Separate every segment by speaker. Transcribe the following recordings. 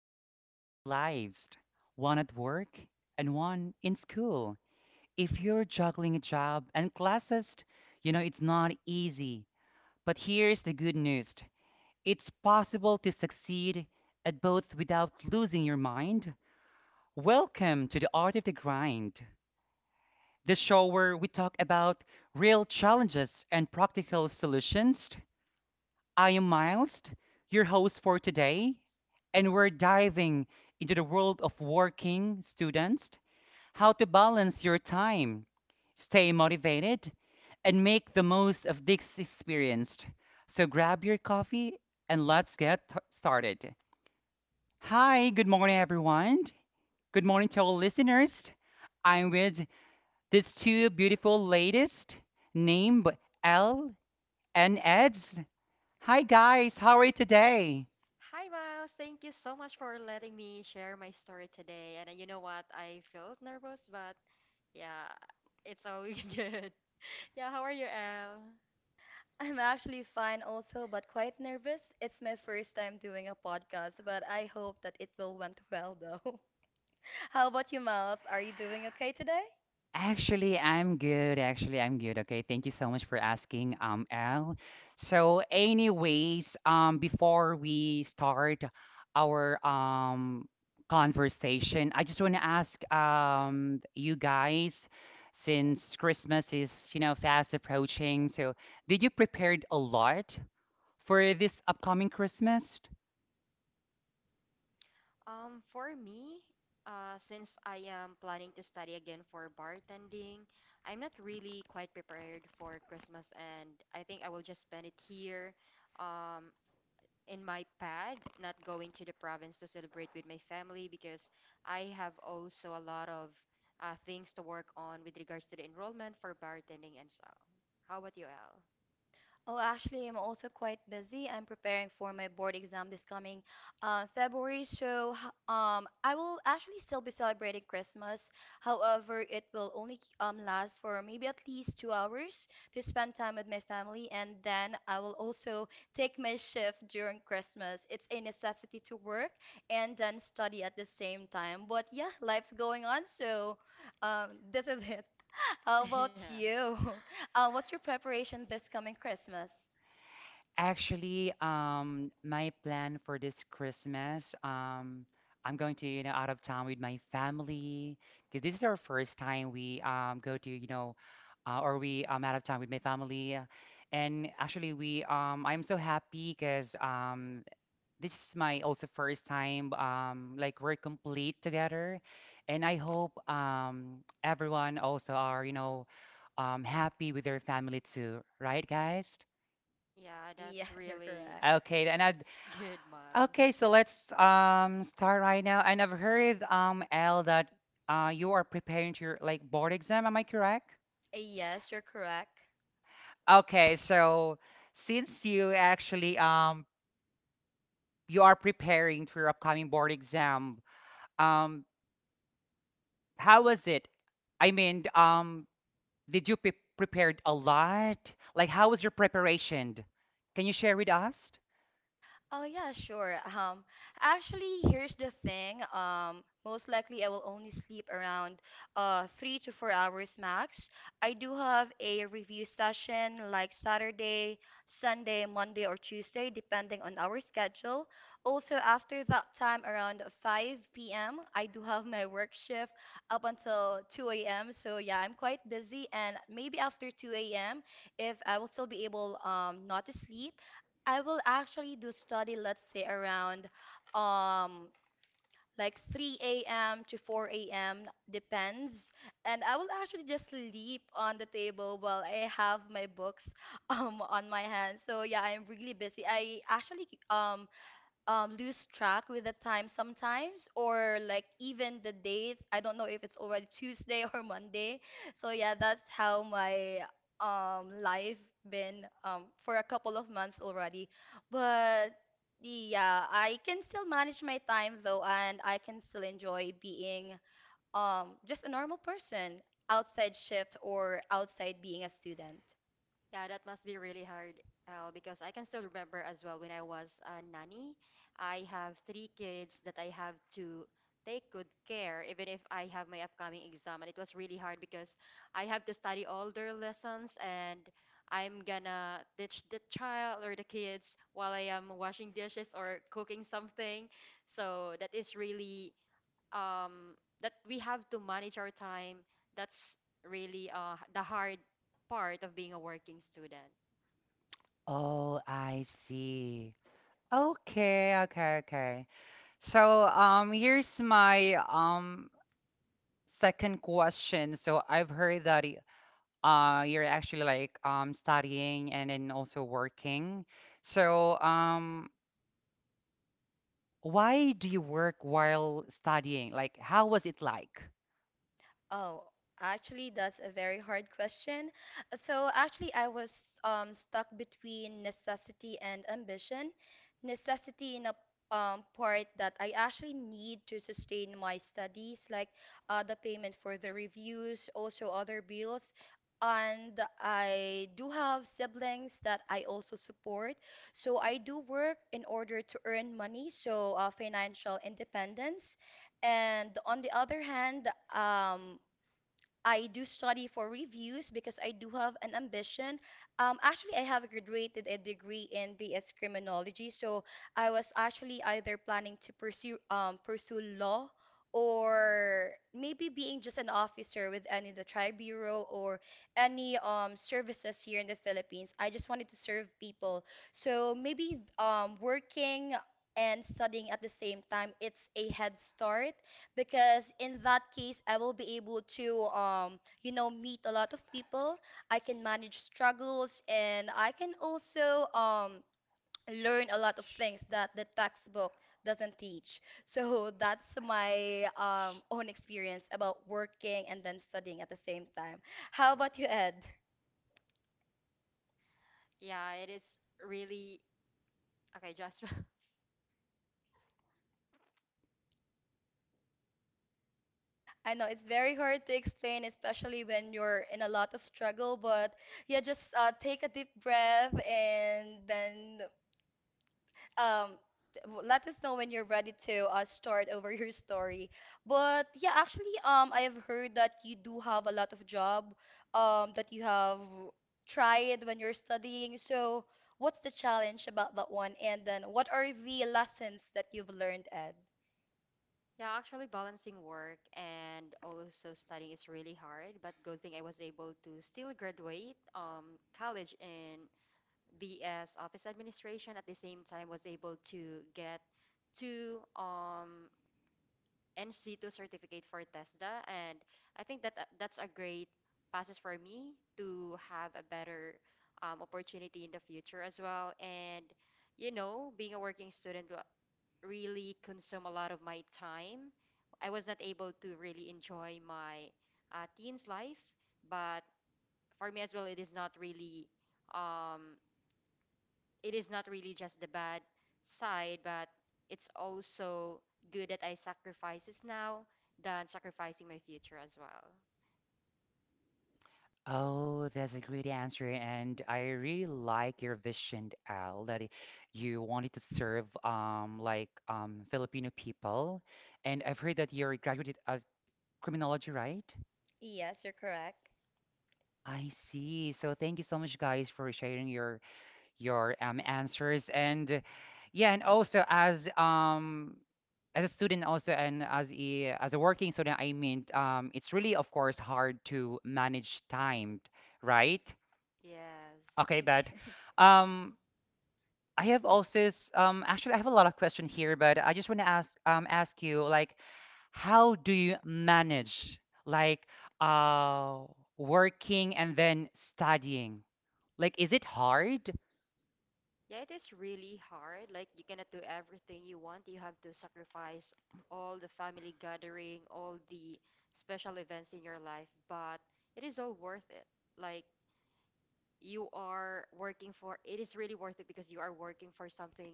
Speaker 1: you're living two lives, one at work and one in school? If you're juggling a job and classes, you know it's not easy. But here's the good news. It's possible to succeed at both without losing your mind. Welcome to the Art of the Grind, the show where we talk about real challenges and practical solutions. I am Miles, your host for today, and we're diving into the world of working students, how to balance your time, stay motivated, and make the most of this experience. So grab your coffee and let's get started. Hi, good morning, everyone. Good morning to all listeners. I'm with these two beautiful ladies named Elle and Eds. Hi, guys. How are you today?
Speaker 2: Hi, Miles. Thank you so much for letting me share my story today. And you know what? I felt nervous, but yeah, it's all good. Yeah, how are you, Elle?
Speaker 3: I'm actually fine also, but quite nervous. It's my first time doing a podcast, but I hope that it will went well though. How about you, Miles? Are you doing okay today?
Speaker 1: Actually, I'm good. Actually, I'm good. Okay, thank you so much for asking, Al. So, anyways, before we start our conversation, I just want to ask you guys, since Christmas is, you know, fast approaching, so did you prepared a lot for this upcoming Christmas?
Speaker 2: For me, since I am planning to study again for bartending, I'm not really quite prepared for Christmas, and I think I will just spend it here. Um, in my pad, not going to the province to celebrate with my family because I have also a lot of things to work on with regards to the enrollment for bartending and so. How about you, Al?
Speaker 3: Oh, actually, I'm also quite busy. I'm preparing for my board exam this coming February, so I will actually still be celebrating Christmas. However, it will only last for maybe at least 2 hours to spend time with my family, and then I will also take my shift during Christmas. It's a necessity to work and then study at the same time. But yeah, life's going on, so this is it. How about
Speaker 2: Yeah.
Speaker 3: you? What's your preparation this coming Christmas?
Speaker 1: Actually, my plan for this Christmas, I'm going to, you know, out of town with my family because this is our first time we go to, you know, or we out of town with my family, and actually we I'm so happy because this is my also first time like we're complete together, and I hope everyone also are, you know, happy with their family too, right, guys?
Speaker 2: Yeah,
Speaker 3: Yeah,
Speaker 2: that's
Speaker 3: you're
Speaker 2: really
Speaker 3: correct.
Speaker 1: Okay, and I,
Speaker 2: good, Miles.
Speaker 1: Okay, so let's start right now. I never heard Al that you are preparing to your like board exam, am I correct?
Speaker 3: Yes, you're correct.
Speaker 1: Okay, so since you actually you are preparing for your upcoming board exam, um how was it? I mean, did you prepared a lot? Like how was your preparation? Can you share with us?
Speaker 3: Oh yeah, sure. Actually, here's the thing. Most likely I will only sleep around 3 to 4 hours max. I do have a review session like Saturday, Sunday, Monday, or Tuesday, depending on our schedule. Also, after that time, around 5 p.m., I do have my work shift up until 2 a.m. So yeah, I'm quite busy, and maybe after 2 a.m., if I will still be able not to sleep. I will actually do study, let's say around um like 3 a.m. to 4 a.m. depends. And I will actually just sleep on the table while I have my books on my hand. So yeah, I'm really busy. I actually lose track with the time sometimes, or like even the dates. I don't know if it's already Tuesday or Monday. So yeah, that's how my life been for a couple of months already. But yeah, I can still manage my time though, and I can still enjoy being just a normal person, outside shift or outside being a student.
Speaker 2: Yeah, that must be really hard, Al, because I can still remember as well when I was a nanny. I have 3 kids that I have to take good care, even if I have my upcoming exam. And it was really hard because I have to study all their lessons and I'm gonna teach the child or the kids while I am washing dishes or cooking something. So that is really um, that we have to manage our time. That's really the hard part of being a working student.
Speaker 1: Oh, I see. Okay, okay, okay. So, here's my second question. So I've heard that you're actually like studying and then also working. So, why do you work while studying? Like, how was it like?
Speaker 3: Oh, actually, that's a very hard question. So, actually, I was stuck between necessity and ambition. Necessity in a part that I actually need to sustain my studies, like the payment for the reviews, also other bills. And I do have siblings that I also support. So I do work in order to earn money, so financial independence. And on the other hand, I do study for reviews because I do have an ambition. Actually, I have graduated a degree in BS criminology, so I was actually either planning to pursue law, or maybe being just an officer with any of the tribe bureau, or any services here in the Philippines. I just wanted to serve people. So maybe working and studying at the same time, it's a head start, because in that case I will be able to meet a lot of people. I can manage struggles, and I can also learn a lot of things that the textbook doesn't teach. So that's my own experience about working and then studying at the same time. How about you, Ed?
Speaker 2: Yeah, it is really okay, just
Speaker 3: I know it's very hard to explain, especially when you're in a lot of struggle, but yeah, just take a deep breath, and then um let us know when you're ready to start over your story. But yeah, actually, I have heard that you do have a lot of job that you have tried when you're studying. So what's the challenge about that one, and then what are the lessons that you've learned, Ed?
Speaker 2: yeah, actually balancing work and also studying is really hard, but good thing I was able to still graduate college in BS office administration, at the same time was able to get two NC 2 certificate for TESDA. And I think that that's a great passes for me to have a better opportunity in the future as well. And, you know, being a working student really consume a lot of my time. I was not able to really enjoy my teens life, but for me as well, it is not really um, just the bad side, but it's also good that I sacrifices now than sacrificing my future as well.
Speaker 1: Oh, that's a great answer, and I really like your vision, Al, that you wanted to serve like Filipino people, and I've heard that you're a graduate at criminology, right?
Speaker 3: Yes, you're correct.
Speaker 1: I see. So thank you so much, guys, for sharing your your answers, and yeah, and also as a student also and as a working student, I mean, it's really of course hard to manage time, right?
Speaker 2: Yes.
Speaker 1: Okay, but um, I have also actually I have a lot of questions here, but I just want to ask ask you like how do you manage like uh, working and then studying? Like, is it hard?
Speaker 2: Yeah, it is really hard. Like you cannot do everything you want. You have to sacrifice all the family gathering, all the special events in your life, but it is all worth it. Like you are working for it is really worth it because you are working for something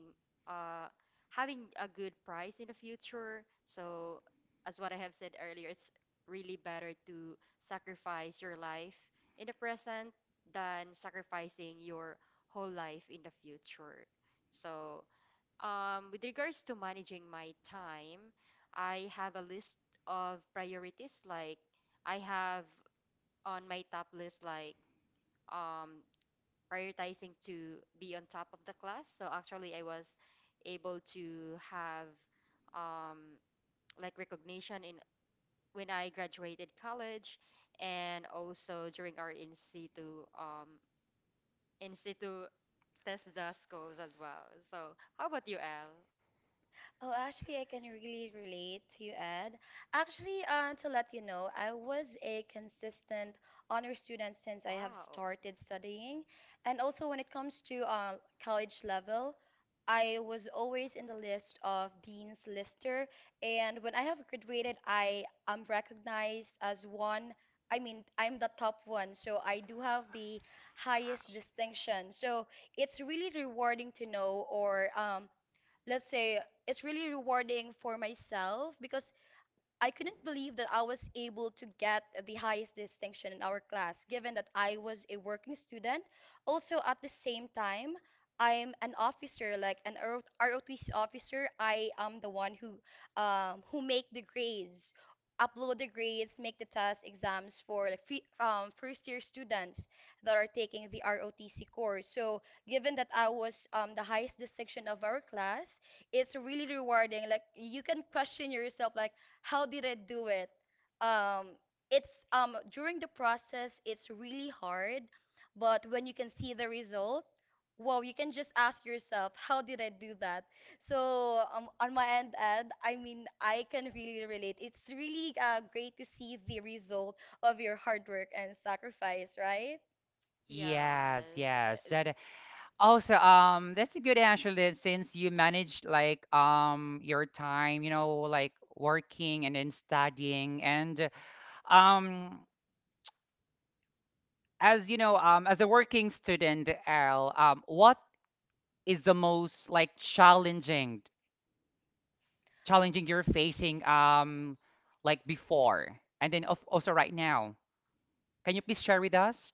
Speaker 2: uh having a good price in the future. So as what I have said earlier, it's really better to sacrifice your life in the present than sacrificing your whole life in the future. So with regards to managing my time, I have a list of priorities. I have on my top list, like, um prioritizing to be on top of the class. So actually, I was able to have um, like recognition in when I graduated college, and also during our in situ test the schools as well. So how about you, Elle?
Speaker 3: Oh, actually, I can really relate to you, Ed. Actually, to let you know, I was a consistent honor student since I have
Speaker 2: Wow.
Speaker 3: started studying. And also, when it comes to college level, I was always in the list of Dean's Lister. And when I have graduated, I am recognized as one. I mean, I'm the top one, so I do have the
Speaker 2: Wow.
Speaker 3: highest distinction. So it's really rewarding to know, or let's say it's really rewarding for myself, because I couldn't believe that I was able to get the highest distinction in our class, given that I was a working student. Also, at the same time, I'm an officer, like an ROTC officer. I am the one who make the grades, upload the grades, make the test exams for like free, first year students that are taking the ROTC course. So, given that I was the highest distinction of our class, it's really rewarding. Like you can question yourself, like how did I do it? Um, it's during the process, it's really hard, but when you can see the result, wow, you can just ask yourself, how did I do that? So on my end, Ed, I mean, I can really relate. It's really great to see the result of your hard work and sacrifice, right?
Speaker 1: Yes,
Speaker 2: Yes.
Speaker 1: yes. That also that's a good answer that since you manage like your time, you know, like working and then studying and um as you know, as a working student, Al, what is the most like challenging you're facing like before and then of also right now? Can you please share with us?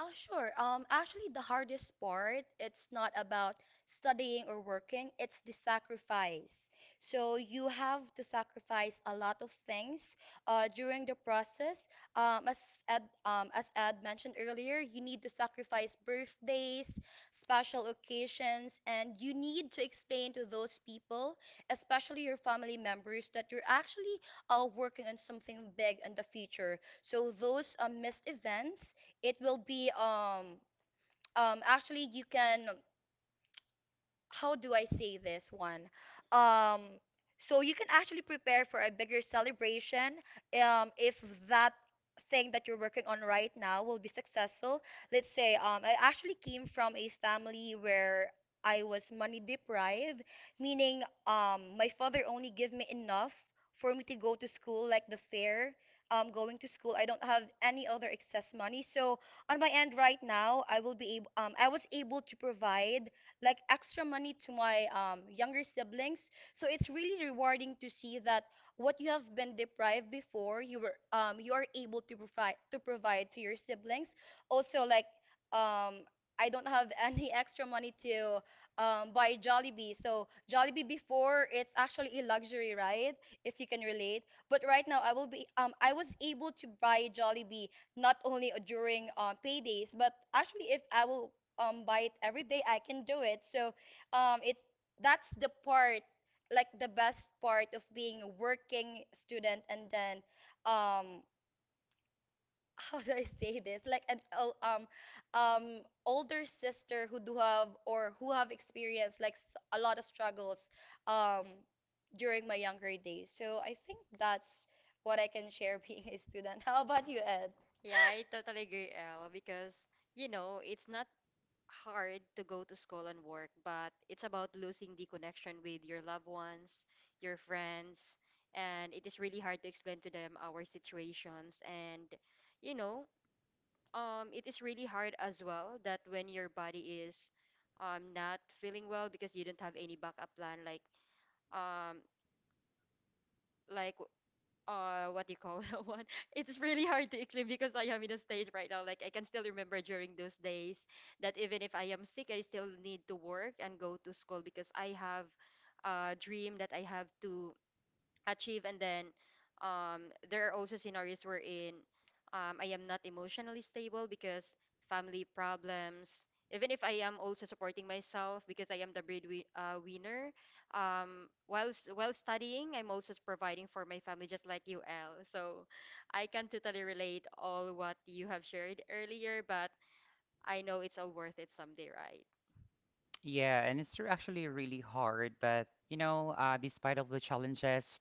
Speaker 3: Sure. Actually, the hardest part, it's not about studying or working, it's the sacrifice. So you have to sacrifice a lot of things during the process. Um, as as Ed mentioned earlier, you need to sacrifice birthdays, special occasions, and you need to explain to those people, especially your family members, that you're actually working on something big in the future. So those missed events, it will be, actually you can, how do I say this one? Um, so you can actually prepare for a bigger celebration if that thing that you're working on right now will be successful. Let's say I actually came from a family where I was money deprived, meaning my father only gave me enough for me to go to school, like the fare. Going to school, I don't have any other excess money. So on my end right now, I was able to provide like extra money to my younger siblings. So it's really rewarding to see that what you have been deprived before, you are able to provide to your siblings. Also, like um, I don't have any extra money to buy Jollibee. So Jollibee before, it's actually a luxury, right? If you can relate. But right now I will be I was able to buy Jollibee not only during paydays, but actually if I will buy it every day, I can do it. So it's that's the part, like the best part of being a working student. And then um how do I say this, like an um older sister who do have, or who have experienced, like a lot of struggles um during my younger days. So I think that's what I can share, being a student. How about you, Ed?
Speaker 2: Yeah, I totally agree, Elle, because you know, it's not hard to go to school and work, but it's about losing the connection with your loved ones, your friends, and it is really hard to explain to them our situations. And, you know, it is really hard as well that when your body is not feeling well because you don't have any backup plan, um, like, what do you call that one? It's really hard to explain because I am in a stage right now. Like I can still remember during those days that even if I am sick, I still need to work and go to school because I have a dream that I have to achieve, and then there are also scenarios wherein I am not emotionally stable because family problems, even if I am also supporting myself because I am the breadwinner, whilst while studying, I'm also providing for my family just like you, L. So I can totally relate all what you have shared earlier, but I know it's all worth it someday, right?
Speaker 1: Yeah, and it's actually really hard, but you know, despite of the challenges,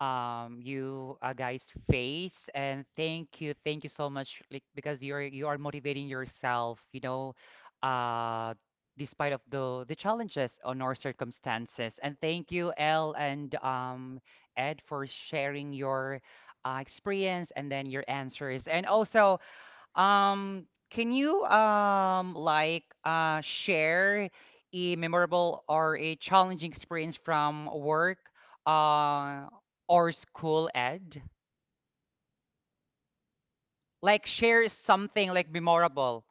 Speaker 1: you guys face. And thank you so much, like because you are motivating yourself, you know, uh, despite of the challenges on our circumstances. And thank you, Elle and Ed, for sharing your experience and then your answers. And also, can you like share a memorable or a challenging experience from work uh or school, Ed? Like share something like memorable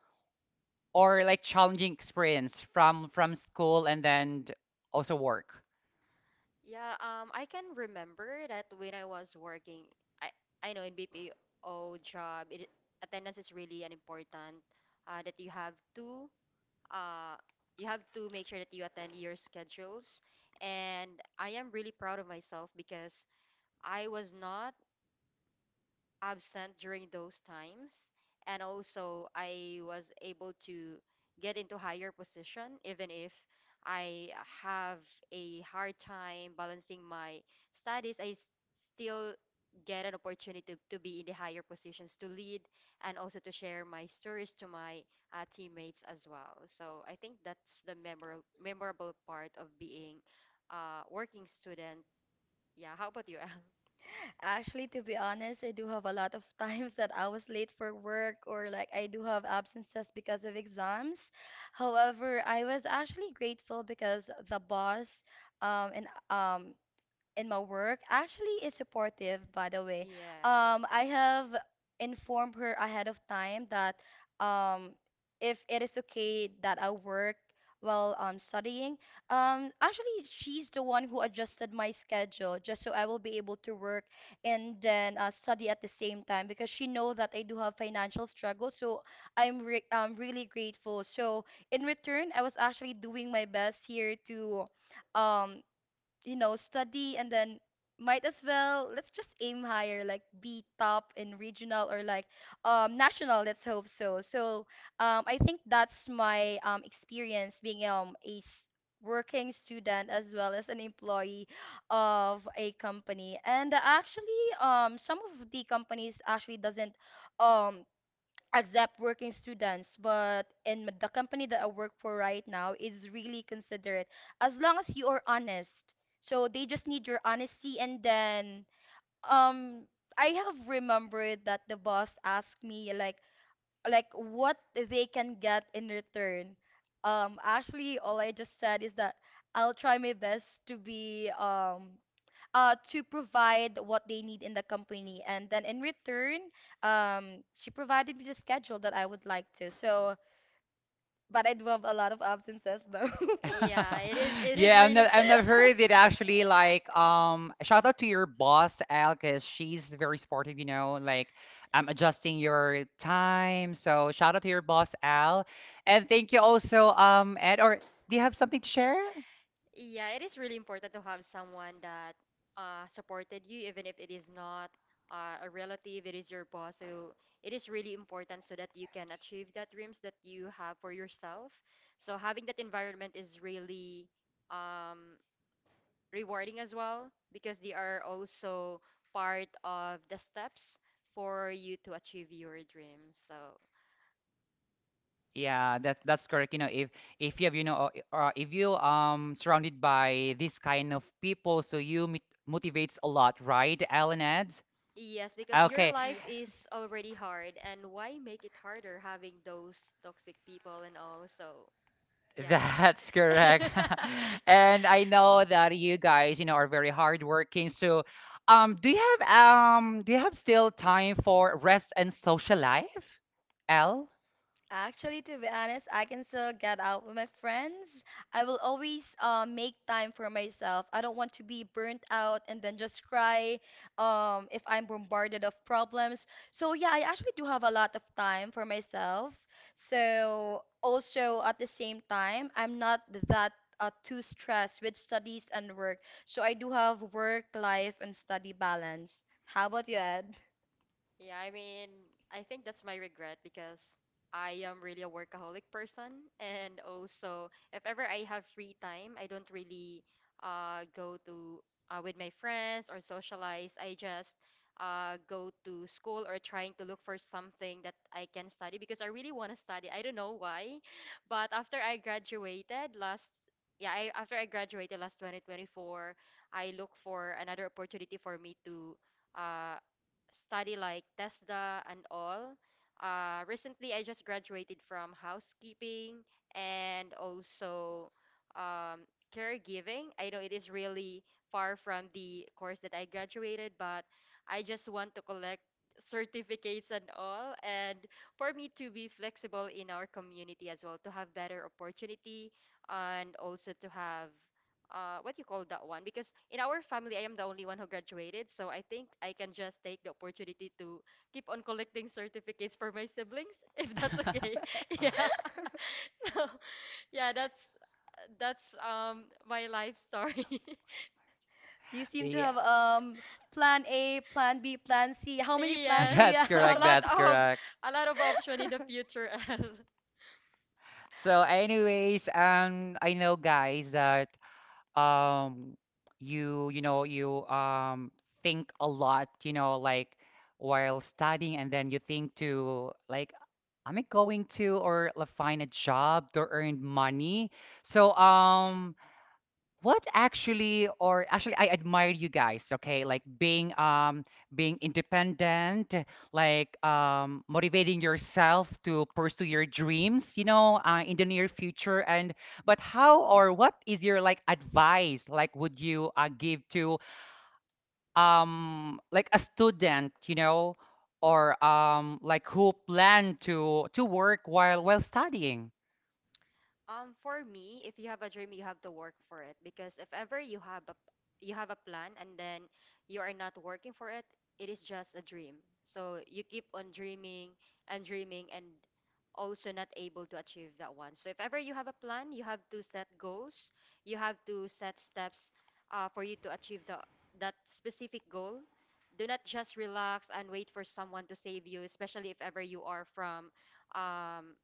Speaker 1: or like challenging experience from school and then also work.
Speaker 2: Yeah, I can remember that when I was working, I, I know in BPO job, attendance is really an important that uh, you have to make sure that you attend your schedules. And I am really proud of myself because I was not absent during those times. And also, I was able to get into higher position, even if I have a hard time balancing my studies. Still get an opportunity to be in the higher positions to lead and also to share my stories to my teammates as well. So I think that's the memorable part of being a working student. Yeah, how about you, Al?
Speaker 3: Actually, to be honest, I do have a lot of times that I was late for work, or like I do have absences because of exams. However, I was actually grateful because the boss, and in my work, actually is supportive, by the way.
Speaker 2: Yes.
Speaker 3: I have informed her ahead of time that um if it is okay that I work while studying. Actually, she's the one who adjusted my schedule, just so I will be able to work, and then study at the same time, because she know that I do have financial struggle. So I'm really grateful. So in return, I was actually doing my best here to um study, and then might as well, let's just aim higher, like be top in regional, or like national, let's hope so. So i think that's my experience being a working student, as well as an employee of a company. And actually some of the companies actually doesn't um accept working students, but in the company that I work for right now is really considerate, as long as you are honest. So they just need your honesty, and then um I have remembered that the boss asked me like, what they can get in return. Actually, all I just said is that I'll try my best to be, to provide what they need in the company. And then in return, she provided me the schedule that I would like to. So, but I do have a lot of absences though.
Speaker 2: Yeah, it is
Speaker 1: Yeah,
Speaker 2: really
Speaker 1: I've never heard it actually. Like, shout out to your boss, Al, because she's very supportive, you know, like, I'm adjusting your time. So, shout out to your boss, Al. And thank you also, Ed, or do you have something to share?
Speaker 2: yeah, it is really important to have someone that supported you, even if it is not a relative, it is your boss. So it is really important so that you can achieve that dreams that you have for yourself. So having that environment is really um, rewarding as well because they are also part of the steps for you to achieve your dreams. So
Speaker 1: Yeah, that's correct. You know, if you have, you know, if you surrounded by this kind of people, so you motivates a lot, right, Al and Ed?
Speaker 2: yes, because your
Speaker 1: Okay.
Speaker 2: life
Speaker 3: Yeah.
Speaker 2: is already hard, and why make it harder having those toxic people and all? So, yeah.
Speaker 1: That's correct. And I know that you guys, you know, are very hardworking. So, do you have still time for rest and social life, L?
Speaker 3: Actually, to be honest, I can still get out with my friends. I will always make time for myself. I don't want to be burnt out and then just cry, if I'm bombarded of problems. So yeah, I actually do have a lot of time for myself. So also at the same time, I'm not that too stressed with studies and work. So I do have work, life, and study balance. How about you, Ed?
Speaker 2: Yeah, I mean, I think that's my regret because I am really a workaholic person, and also if ever I have free time, I don't really go to with my friends or socialize. I just go to school or trying to look for something that I can study because I really want to study. I don't know why, but after I graduated last 2024, I look for another opportunity for me to uh study like TESDA and all. Recently, I just graduated from housekeeping and also um, caregiving. I know it is really far from the course that I graduated, but I just want to collect certificates and all, and for me to be flexible in our community as well, to have better opportunity and also to have what you call that one, because in our family I am the only one who graduated. So I think I can just take the opportunity to keep on collecting certificates for my siblings if that's okay. Yeah. So yeah, that's my life story.
Speaker 3: You seem to
Speaker 1: Yeah,
Speaker 3: have plan A, plan B, plan C. How many plans do
Speaker 2: Yes,
Speaker 3: you
Speaker 1: that's
Speaker 2: so a
Speaker 1: correct.
Speaker 3: have?
Speaker 2: lot
Speaker 1: That's
Speaker 2: of
Speaker 1: correct.
Speaker 2: of option in the future. L.
Speaker 1: So, anyways, I know guys that um you you know you think a lot, you know, like while studying and then you think to like am I going to or like find a job to earn money, so what actually or actually I admire you guys. Okay, like being being independent, like motivating yourself to pursue your dreams, you know, in the near future. And but how or what is your like advice like would you give to like a student, you know, or like who plan to work while studying?
Speaker 2: For me, if you have a dream, you have to work for it, because if ever you have a plan and then you are not working for it, it is just a dream. So you keep on dreaming and dreaming and also not able to achieve that one. So if ever you have a plan, you have to set goals, you have to set steps for you to achieve the that specific goal. Do not just relax and wait for someone to save you, especially if ever um,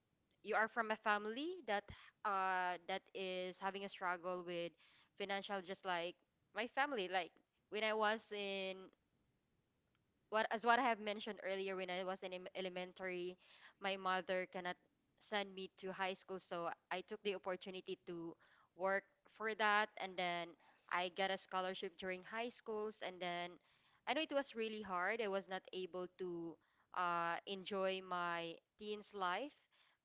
Speaker 2: you are from a family that that is having a struggle with financial, just like my family. Like when I was in what as what I have mentioned earlier, when I was in elementary, my mother cannot send me to high school, so I took the opportunity to work for that, and then I got a scholarship during high schools, and then I know it was really hard. I was not able to enjoy my teens life,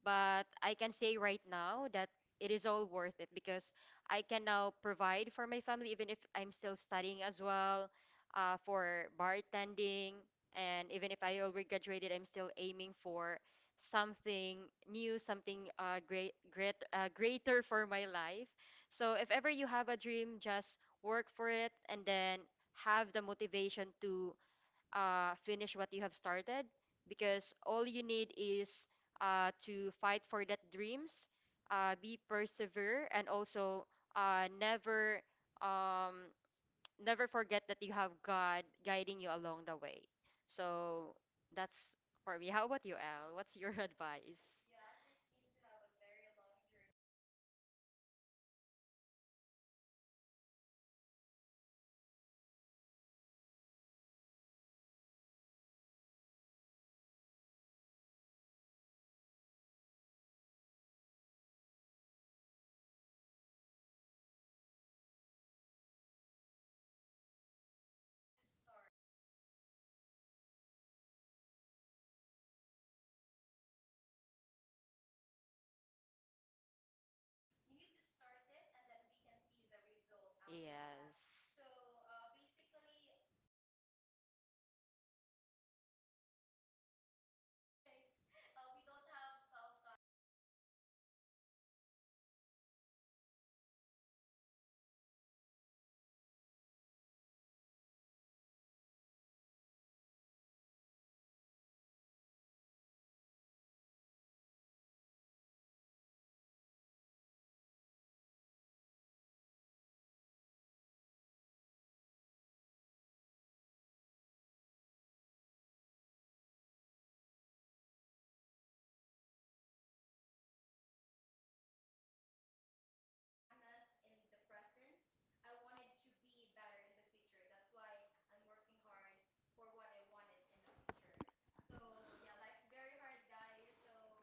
Speaker 2: but I can say right now that it is all worth it because I can now provide for my family even if I'm still studying as well for bartending. And even if I already graduated, I'm still aiming for something new, something greater for my life. So if ever you have a dream, just work for it and then have the motivation to finish what you have started, because all you need is to fight for that dreams, be persevere, and also uh, never um, never forget that you have God guiding you along the way. So that's for me. How about you, Al? What's your advice? Yes.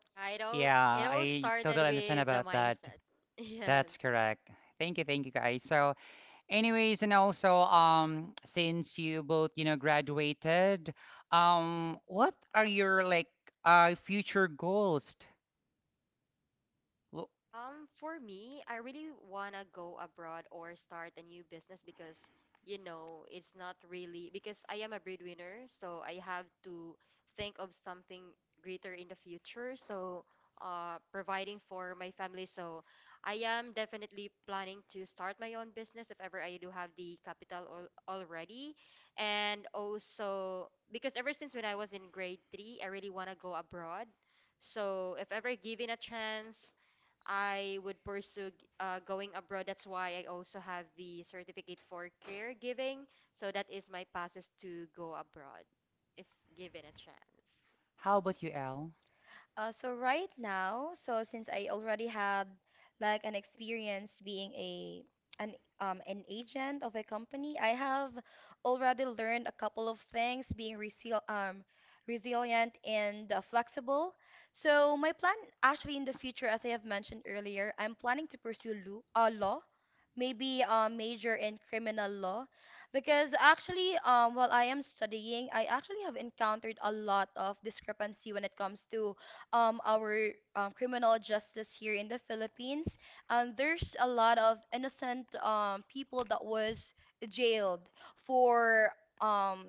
Speaker 2: Yeah, it all
Speaker 1: Yeah,
Speaker 2: it all
Speaker 1: I
Speaker 2: started
Speaker 1: totally understand
Speaker 2: with the
Speaker 1: about that.
Speaker 2: mindset. Yes.
Speaker 1: That's correct. Thank you guys. So, anyways, and also, since you both, you know, graduated, what are your like future goals? Wh-
Speaker 2: For me, I really wanna go abroad or start a new business because, you know, it's not really because I am a breadwinner, so I have to think of something greater in the future. So, providing for my family. So, I am definitely planning to start my own business if ever I do have the capital al already. And also, because ever since when I was in grade three, I really wanna go abroad. So, if ever given a chance, I would pursue going abroad. That's why I also have the certificate for caregiving. So that is my passes to go abroad if given a chance.
Speaker 1: How about you, Al?
Speaker 3: So right now, so since I already had like an experience being a an agent of a company, I have already learned a couple of things, being resilient and flexible. So my plan actually in the future, as I have mentioned earlier, I'm planning to pursue lo law, maybe major in criminal law, because actually while I am studying, I actually have encountered a lot of discrepancy when it comes to our criminal justice here in the Philippines. And there's a lot of innocent people that was jailed for um,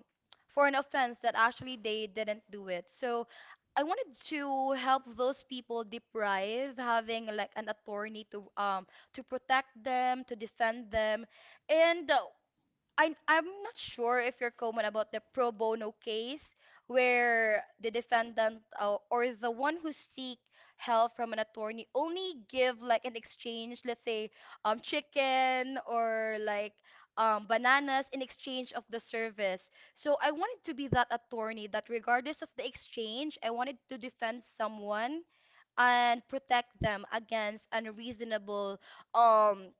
Speaker 3: an offense that actually they didn't do it. So I wanted to help those people deprive having like an attorney, to protect them, to defend them. And I'm not sure if you're comment about the pro bono case, where the defendant, or the one who seek help from an attorney, only give like an exchange, let's say chicken, or like bananas in exchange of the service. So I wanted to be that attorney that regardless of the exchange, I wanted to defend someone and protect them against um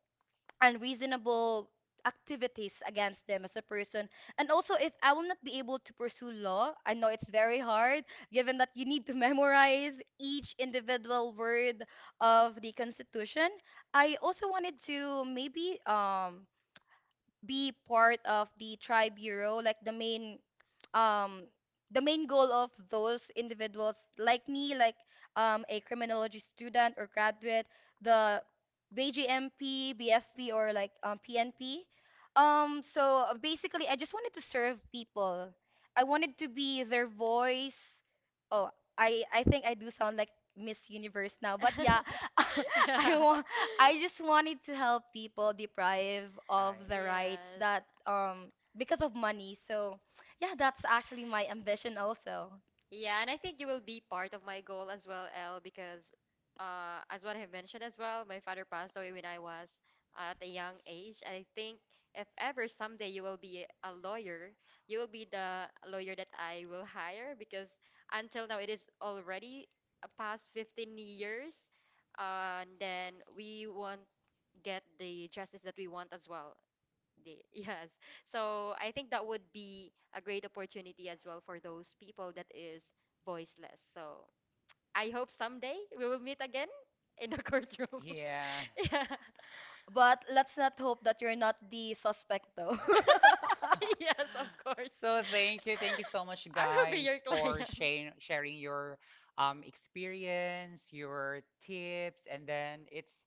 Speaker 3: unreasonable activities against them as a person. And also if I will not be able to pursue law, I know it's very hard, given that you need to memorize each individual word of the constitution. I also wanted to maybe be part of the tri bureau, like the main, um goal of those individuals like me, like a criminology student or graduate, the BJMP, or like PNP. So basically I just wanted to serve people. I wanted to be their voice. Oh, I think I do sound like Miss Universe now. But yeah,
Speaker 2: Yeah.
Speaker 3: I want I just wanted to help people deprive
Speaker 1: I
Speaker 3: of the rights
Speaker 2: Yes.
Speaker 3: that, because of money. So yeah, that's actually my ambition also.
Speaker 2: Yeah, and I think you will be part of my goal as well, Elle, because as what I have mentioned as well, my father passed away when I was at a young age. I think if ever someday you will be a lawyer, you will be the lawyer that I will hire because until now it is already past 15 years, and then we won't get the justice that we want as well. They, yes. So I think that would be a great opportunity as well for those people that is voiceless. So I hope someday we will meet again in the courtroom.
Speaker 1: see. Yeah.
Speaker 2: Yeah.
Speaker 3: But let's not hope that you're not the suspect though.
Speaker 2: Yes, of course.
Speaker 1: So thank you so much,
Speaker 2: I will be
Speaker 1: guys,
Speaker 2: your
Speaker 1: for
Speaker 2: client.
Speaker 1: sharing sharing your experience, your tips, and then it's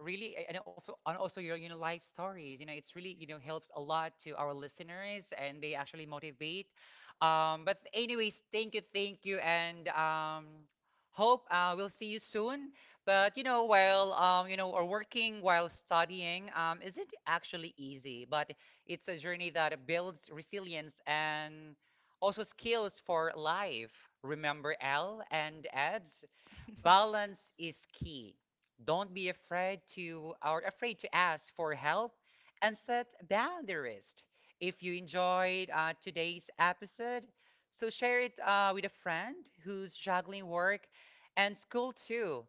Speaker 1: really and also your, you know, life stories, you know, it's really, you know, helps a lot to our listeners, and they actually motivate. But anyways, thank you, thank you, and hope we'll see you soon. But you know, while you know, or working while studying isn't actually easy, but it's a journey that builds resilience and also skills for life. Remember, L and adds balance is key. Don't be afraid to or afraid to ask for help and set boundaries. If you enjoyed today's episode, so share it with a friend who's juggling work and school too.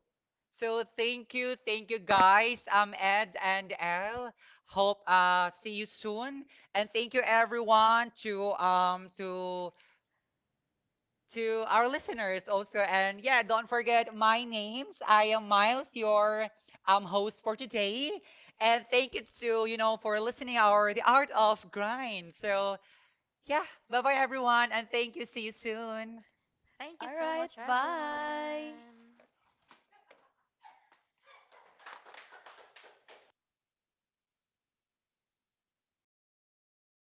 Speaker 1: So thank you, thank you, guys. I'm Ed and Elle. Hope see you soon. And thank you everyone to to our listeners also. And yeah, don't forget my names. I am Miles, your host for today. And thank you to, you know, for listening our The Art of Grind. So yeah, bye-bye everyone, and thank you. See you soon.
Speaker 2: Thank you
Speaker 3: All
Speaker 2: so
Speaker 3: right,
Speaker 2: much,
Speaker 3: bye.
Speaker 2: everyone.